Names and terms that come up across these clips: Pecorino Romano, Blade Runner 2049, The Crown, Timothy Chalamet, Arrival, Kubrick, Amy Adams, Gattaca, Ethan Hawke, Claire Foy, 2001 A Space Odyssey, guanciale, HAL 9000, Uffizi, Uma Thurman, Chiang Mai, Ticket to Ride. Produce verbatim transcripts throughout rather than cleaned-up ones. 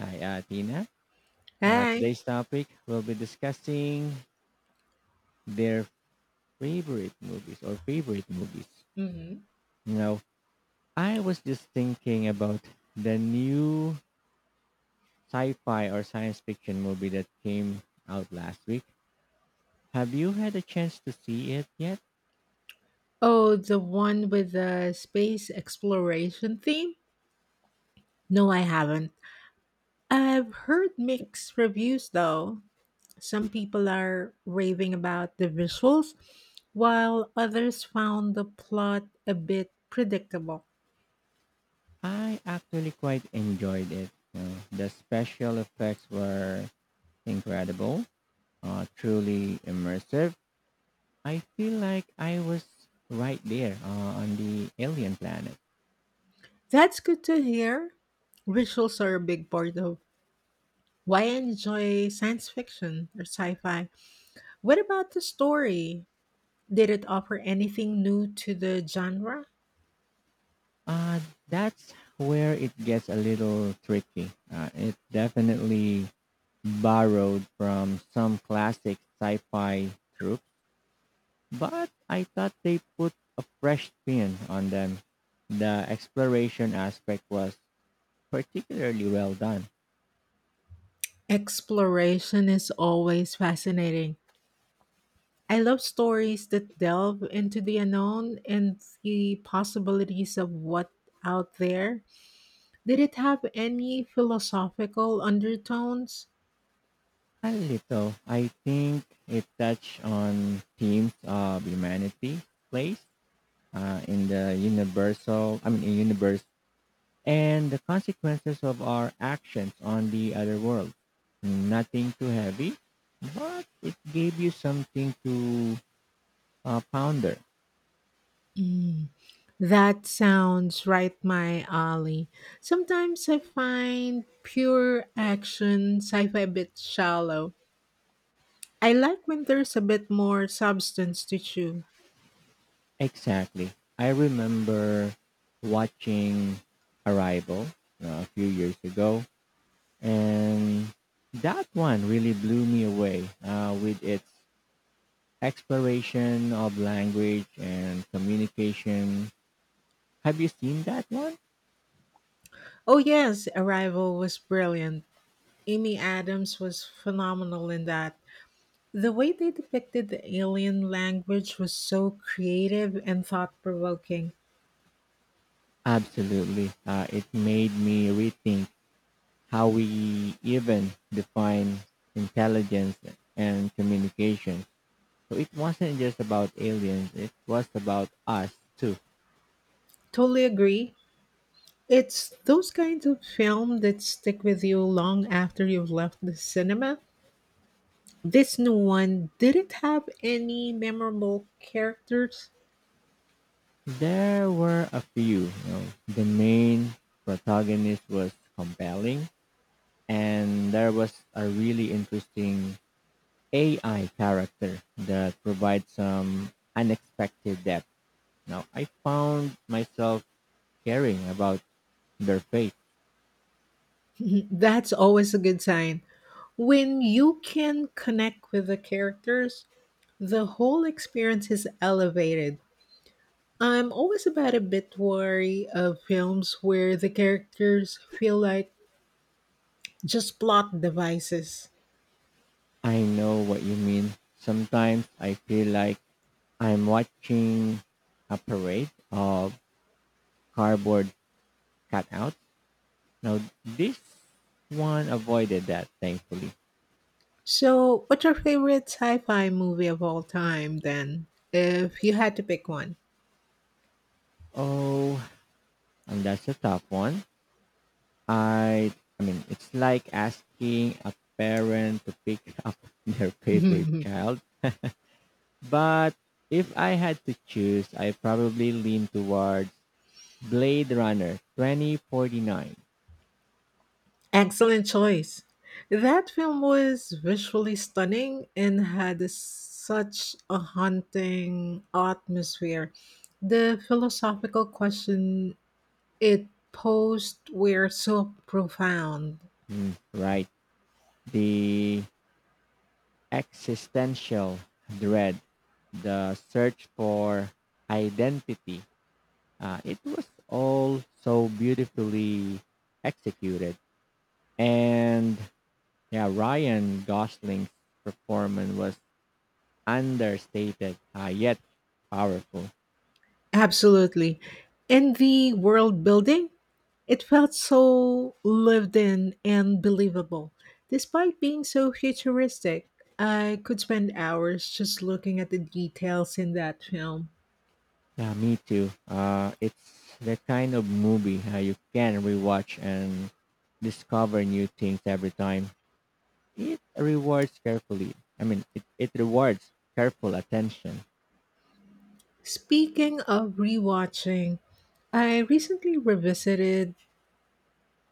Hi, uh, Tina. Uh, Hi. Today's topic we'll be discussing their favorite movies or favorite movies. Hmm. You know, I was just thinking about the new sci-fi or science fiction movie that came out last week. Have you had a chance to see it yet? Oh, the one with the space exploration theme? No, I haven't. I've heard mixed reviews though. Some people are raving about the visuals, while others found the plot a bit predictable. I actually quite enjoyed it. You know, the special effects were incredible, uh, truly immersive. I feel like I was right there uh, on the alien planet. That's good to hear. Visuals are a big part of why I enjoy science fiction or sci fi. What about the story? Did it offer anything new to the genre? Uh, that's where it gets a little tricky. Uh, it definitely borrowed from some classic sci-fi tropes, but I thought they put a fresh spin on them. The exploration aspect was particularly well done. Exploration is always fascinating. I love stories that delve into the unknown and the possibilities of what out there. Did it have any philosophical undertones? A little, I think it touched on themes of humanity, place, uh, in the universal, I mean, universe and the consequences of our actions on the other world. Nothing too heavy, but it gave you something to uh, ponder. Mm, that sounds right my alley. Sometimes I find pure action sci-fi a bit shallow. I like when there's a bit more substance to chew. Exactly. I remember watching Arrival uh, a few years ago, and that one really blew me away uh, with its exploration of language and communication. Have you seen that one? Oh yes, Arrival was brilliant. Amy Adams was phenomenal in that. The way they depicted the alien language was so creative and thought provoking. Absolutely. Uh, it made me rethink how we even define intelligence and communication. So it wasn't just about aliens, it was about us too. Totally agree. It's those kinds of film that stick with you long after you've left the cinema. This new one didn't have any memorable characters. There were a few. You know, the main protagonist was compelling, and there was a really interesting A I character that provides some unexpected depth. Now, I found myself caring about their fate. That's always a good sign. When you can connect with the characters, the whole experience is elevated. I'm always about a bit wary of films where the characters feel like just plot devices. I know what you mean. Sometimes I feel like I'm watching a parade of cardboard cutouts. Now, this one avoided that, thankfully. So, what's your favorite sci fi movie of all time then, if you had to pick one? Oh, and that's a tough one. I, I mean, it's like asking a parent to pick up their favorite child. But if I had to choose, I probably lean towards Blade Runner twenty forty-nine. Excellent choice. That film was visually stunning and had a- such a haunting atmosphere. The philosophical question it posed were so profound. Hmm, right. The existential dread, the search for identity. Uh, it was all so beautifully executed. And yeah, Ryan Gosling's performance was understated, uh, yet powerful. Absolutely. And the world building, it felt so lived in and believable. Despite being so futuristic, I could spend hours just looking at the details in that film. Yeah, me too. Uh, it's the kind of movie uh, you can rewatch and discover new things every time. It rewards carefully. I mean, it, it rewards careful attention. Speaking of rewatching, I recently revisited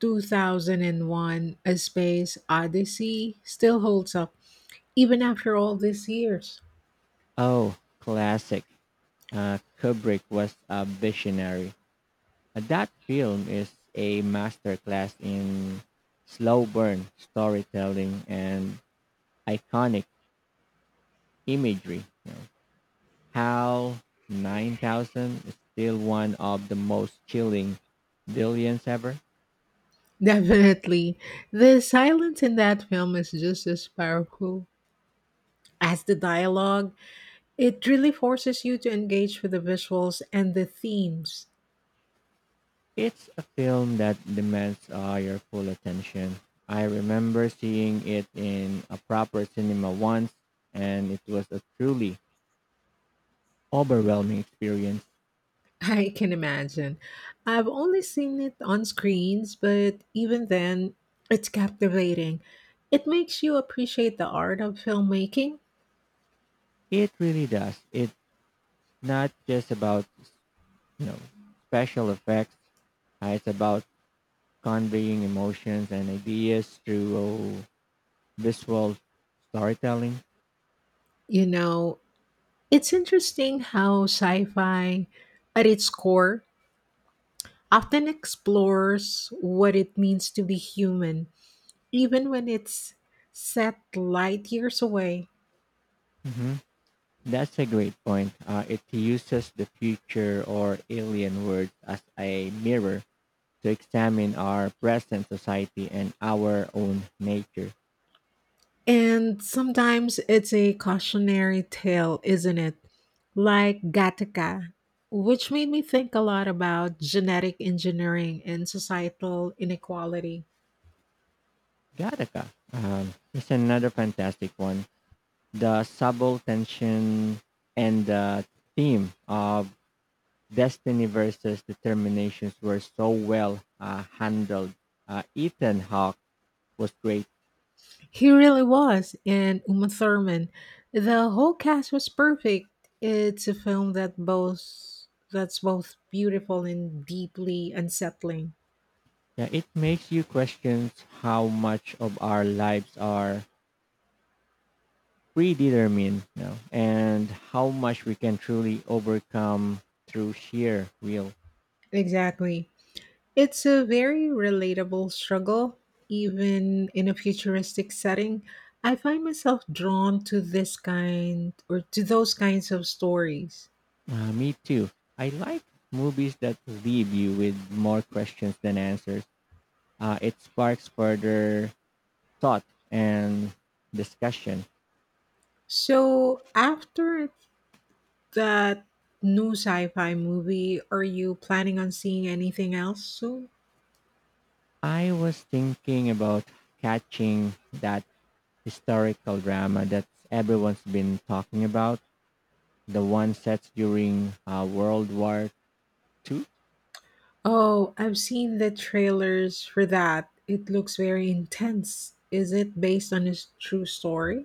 two thousand one A Space Odyssey, still holds up even after all these years. Oh, classic. Uh, Kubrick was a visionary. Uh, That film is a masterclass in slow burn storytelling and iconic imagery. You know, how nine thousand is still one of the most chilling billions ever. Definitely. The silence in that film is just as powerful as the dialogue. It really forces you to engage with the visuals and the themes. It's a film that demands uh, your full attention. I remember seeing it in a proper cinema once, and it was a truly overwhelming experience. I can imagine. I've only seen it on screens, but even then, it's captivating. It makes you appreciate the art of filmmaking. It really does. It's not just about you know special effects. Uh, it's about conveying emotions and ideas through uh, visual storytelling. You know, it's interesting how sci fi, at its core, often explores what it means to be human even when it's set light years away. Hmm. That's a great point. Uh, it uses the future or alien words as a mirror to examine our present society and our own nature. And sometimes it's a cautionary tale, isn't it? Like Gattaca, which made me think a lot about genetic engineering and societal inequality. Gattaca um, is another fantastic one. The subtle tension and the theme of destiny versus determinations were so well uh, handled. Uh, Ethan Hawke was great. He really was, and Uma Thurman. The whole cast was perfect. It's a film that both that's both beautiful and deeply unsettling. Yeah, it makes you question how much of our lives are predetermined, you know, and how much we can truly overcome through sheer will. Exactly. It's a very relatable struggle, even in a futuristic setting. I find myself drawn to this kind or to those kinds of stories. Uh, me too. I like movies that leave you with more questions than answers. Uh, it sparks further thought and discussion. So, after that new sci fi movie, are you planning on seeing anything else soon? I was thinking about catching that historical drama that everyone's been talking about, the one set during uh, World War Two. Oh, I've seen the trailers for that. It looks very intense. Is it based on a s- true story?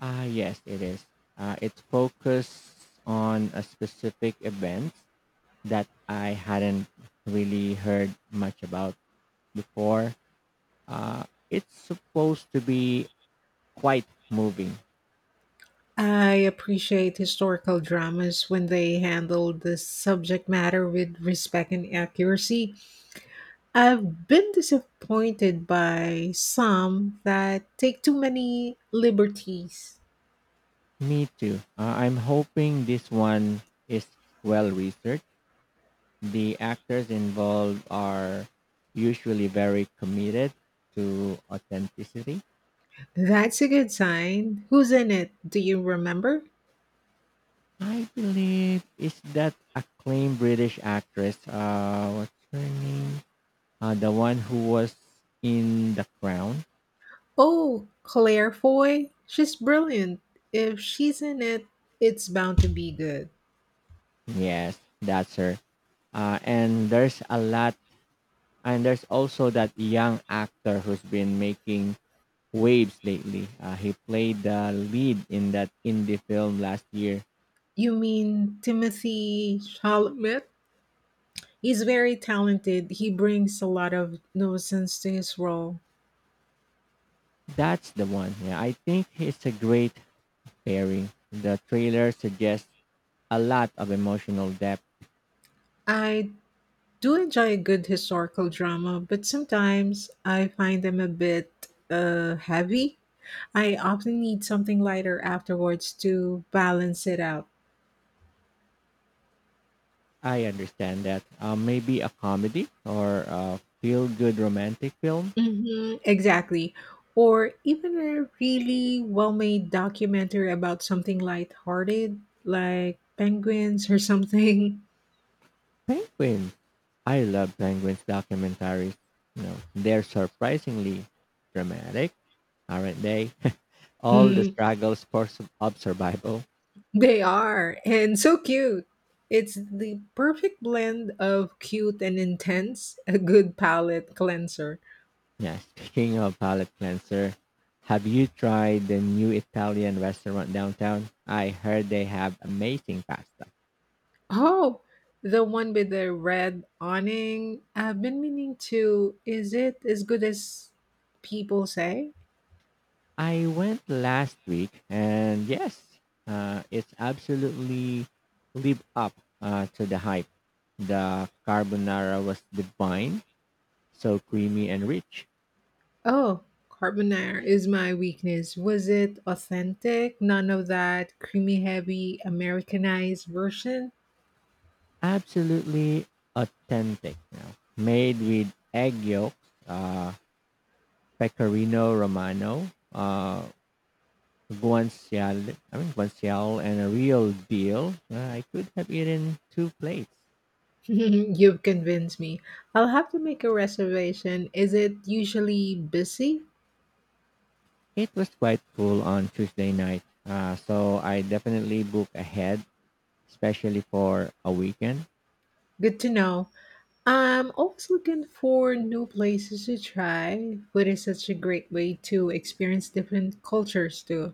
Ah, yes, it is. Uh, it focuses on a specific event that I hadn't really heard much about before. Uh, it's supposed to be quite moving. I appreciate historical dramas when they handle the subject matter with respect and accuracy. I've been disappointed by some that take too many liberties. Me too. Uh, I'm hoping this one is well researched. The actors involved are usually very committed to authenticity. That's a good sign. Who's in it? Do you remember? I believe is that acclaimed British actress. Uh, what's her name? Uh, the one who was in The Crown. Oh, Claire Foy. She's brilliant. If she's in it, it's bound to be good. Yes, that's her. Uh, and there's a lot And there's also that young actor who's been making waves lately. Uh, he played the lead in that indie film last year. You mean Timothy Chalamet? He's very talented. He brings a lot of nuisance to his role. That's the one. Yeah, I think it's a great pairing. The trailer suggests a lot of emotional depth. I do enjoy a good historical drama, but sometimes I find them a bit uh, heavy. I often need something lighter afterwards to balance it out. I understand that. Uh, maybe a comedy or a feel-good romantic film. Hmm, exactly. Or even a really well made documentary about something lighthearted, like penguins or something. Penguins. I love penguins documentaries. You know, they're surprisingly dramatic, aren't they? all the struggles for su- of survival. They are, and so cute. It's the perfect blend of cute and intense, a good palette cleanser. Yeah, speaking of palate cleanser, have you tried the new Italian restaurant downtown? I heard they have amazing pasta. Oh, the one with the red awning. I've been meaning to. Is it as good as people say? I went last week, and yes, uh, it's absolutely live up uh, to the hype. The carbonara was divine, so creamy and rich, Oh, carbonara is my weakness. Was it authentic? None of that creamy, heavy, Americanized version? absolutely authentic. You know, made with egg yolks. Uh, Pecorino Romano, uh, guanciale, I mean guanciale, and a real deal. Uh, I could have eaten two plates. You've convinced me. I'll have to make a reservation. Is it usually busy? It was quite full on Tuesday night, uh, so I definitely book ahead, especially for a weekend. Good to know. I'm always looking for new places to try. Food is such a great way to experience different cultures too.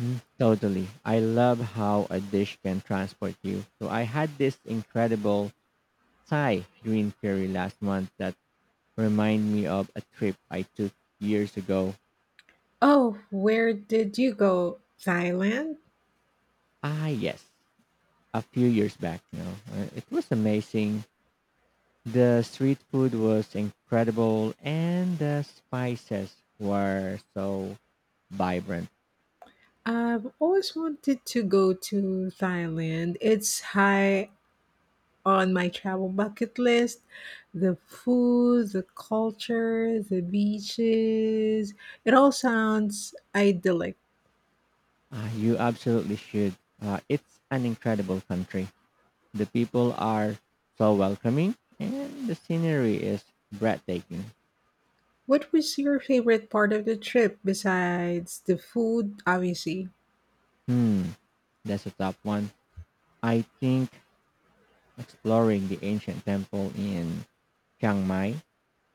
Mm, totally. I love how a dish can transport you. So I had this incredible Thai green curry last month that reminded me of a trip I took years ago. Oh, where did you go? Thailand? Ah, yes, a few years back. You know, Uh, it was amazing. The street food was incredible, and the spices were so vibrant. I've always wanted to go to Thailand. It's high on my travel bucket list. The food, the culture, the beaches. It all sounds idyllic. Uh, you absolutely should. Uh, it's an incredible country. The people are so welcoming, and the scenery is breathtaking. What was your favorite part of the trip besides the food, obviously? Hmm, that's a top one. I think exploring the ancient temple in Chiang Mai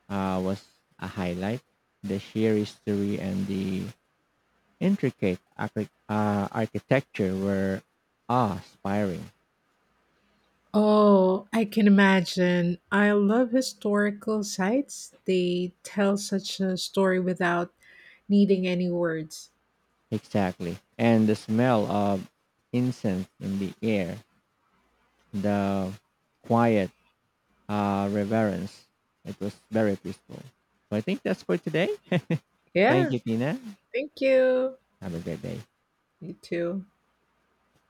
uh, was a highlight. The sheer history and the intricate archi- uh, architecture were awe-inspiring. Oh, I can imagine. I love historical sites. They tell such a story without needing any words. Exactly. And the smell of incense in the air, the quiet uh, reverence, it was very peaceful. So I think that's for today. Thank Yeah, you, Tina. thank you. Have a great day. You too.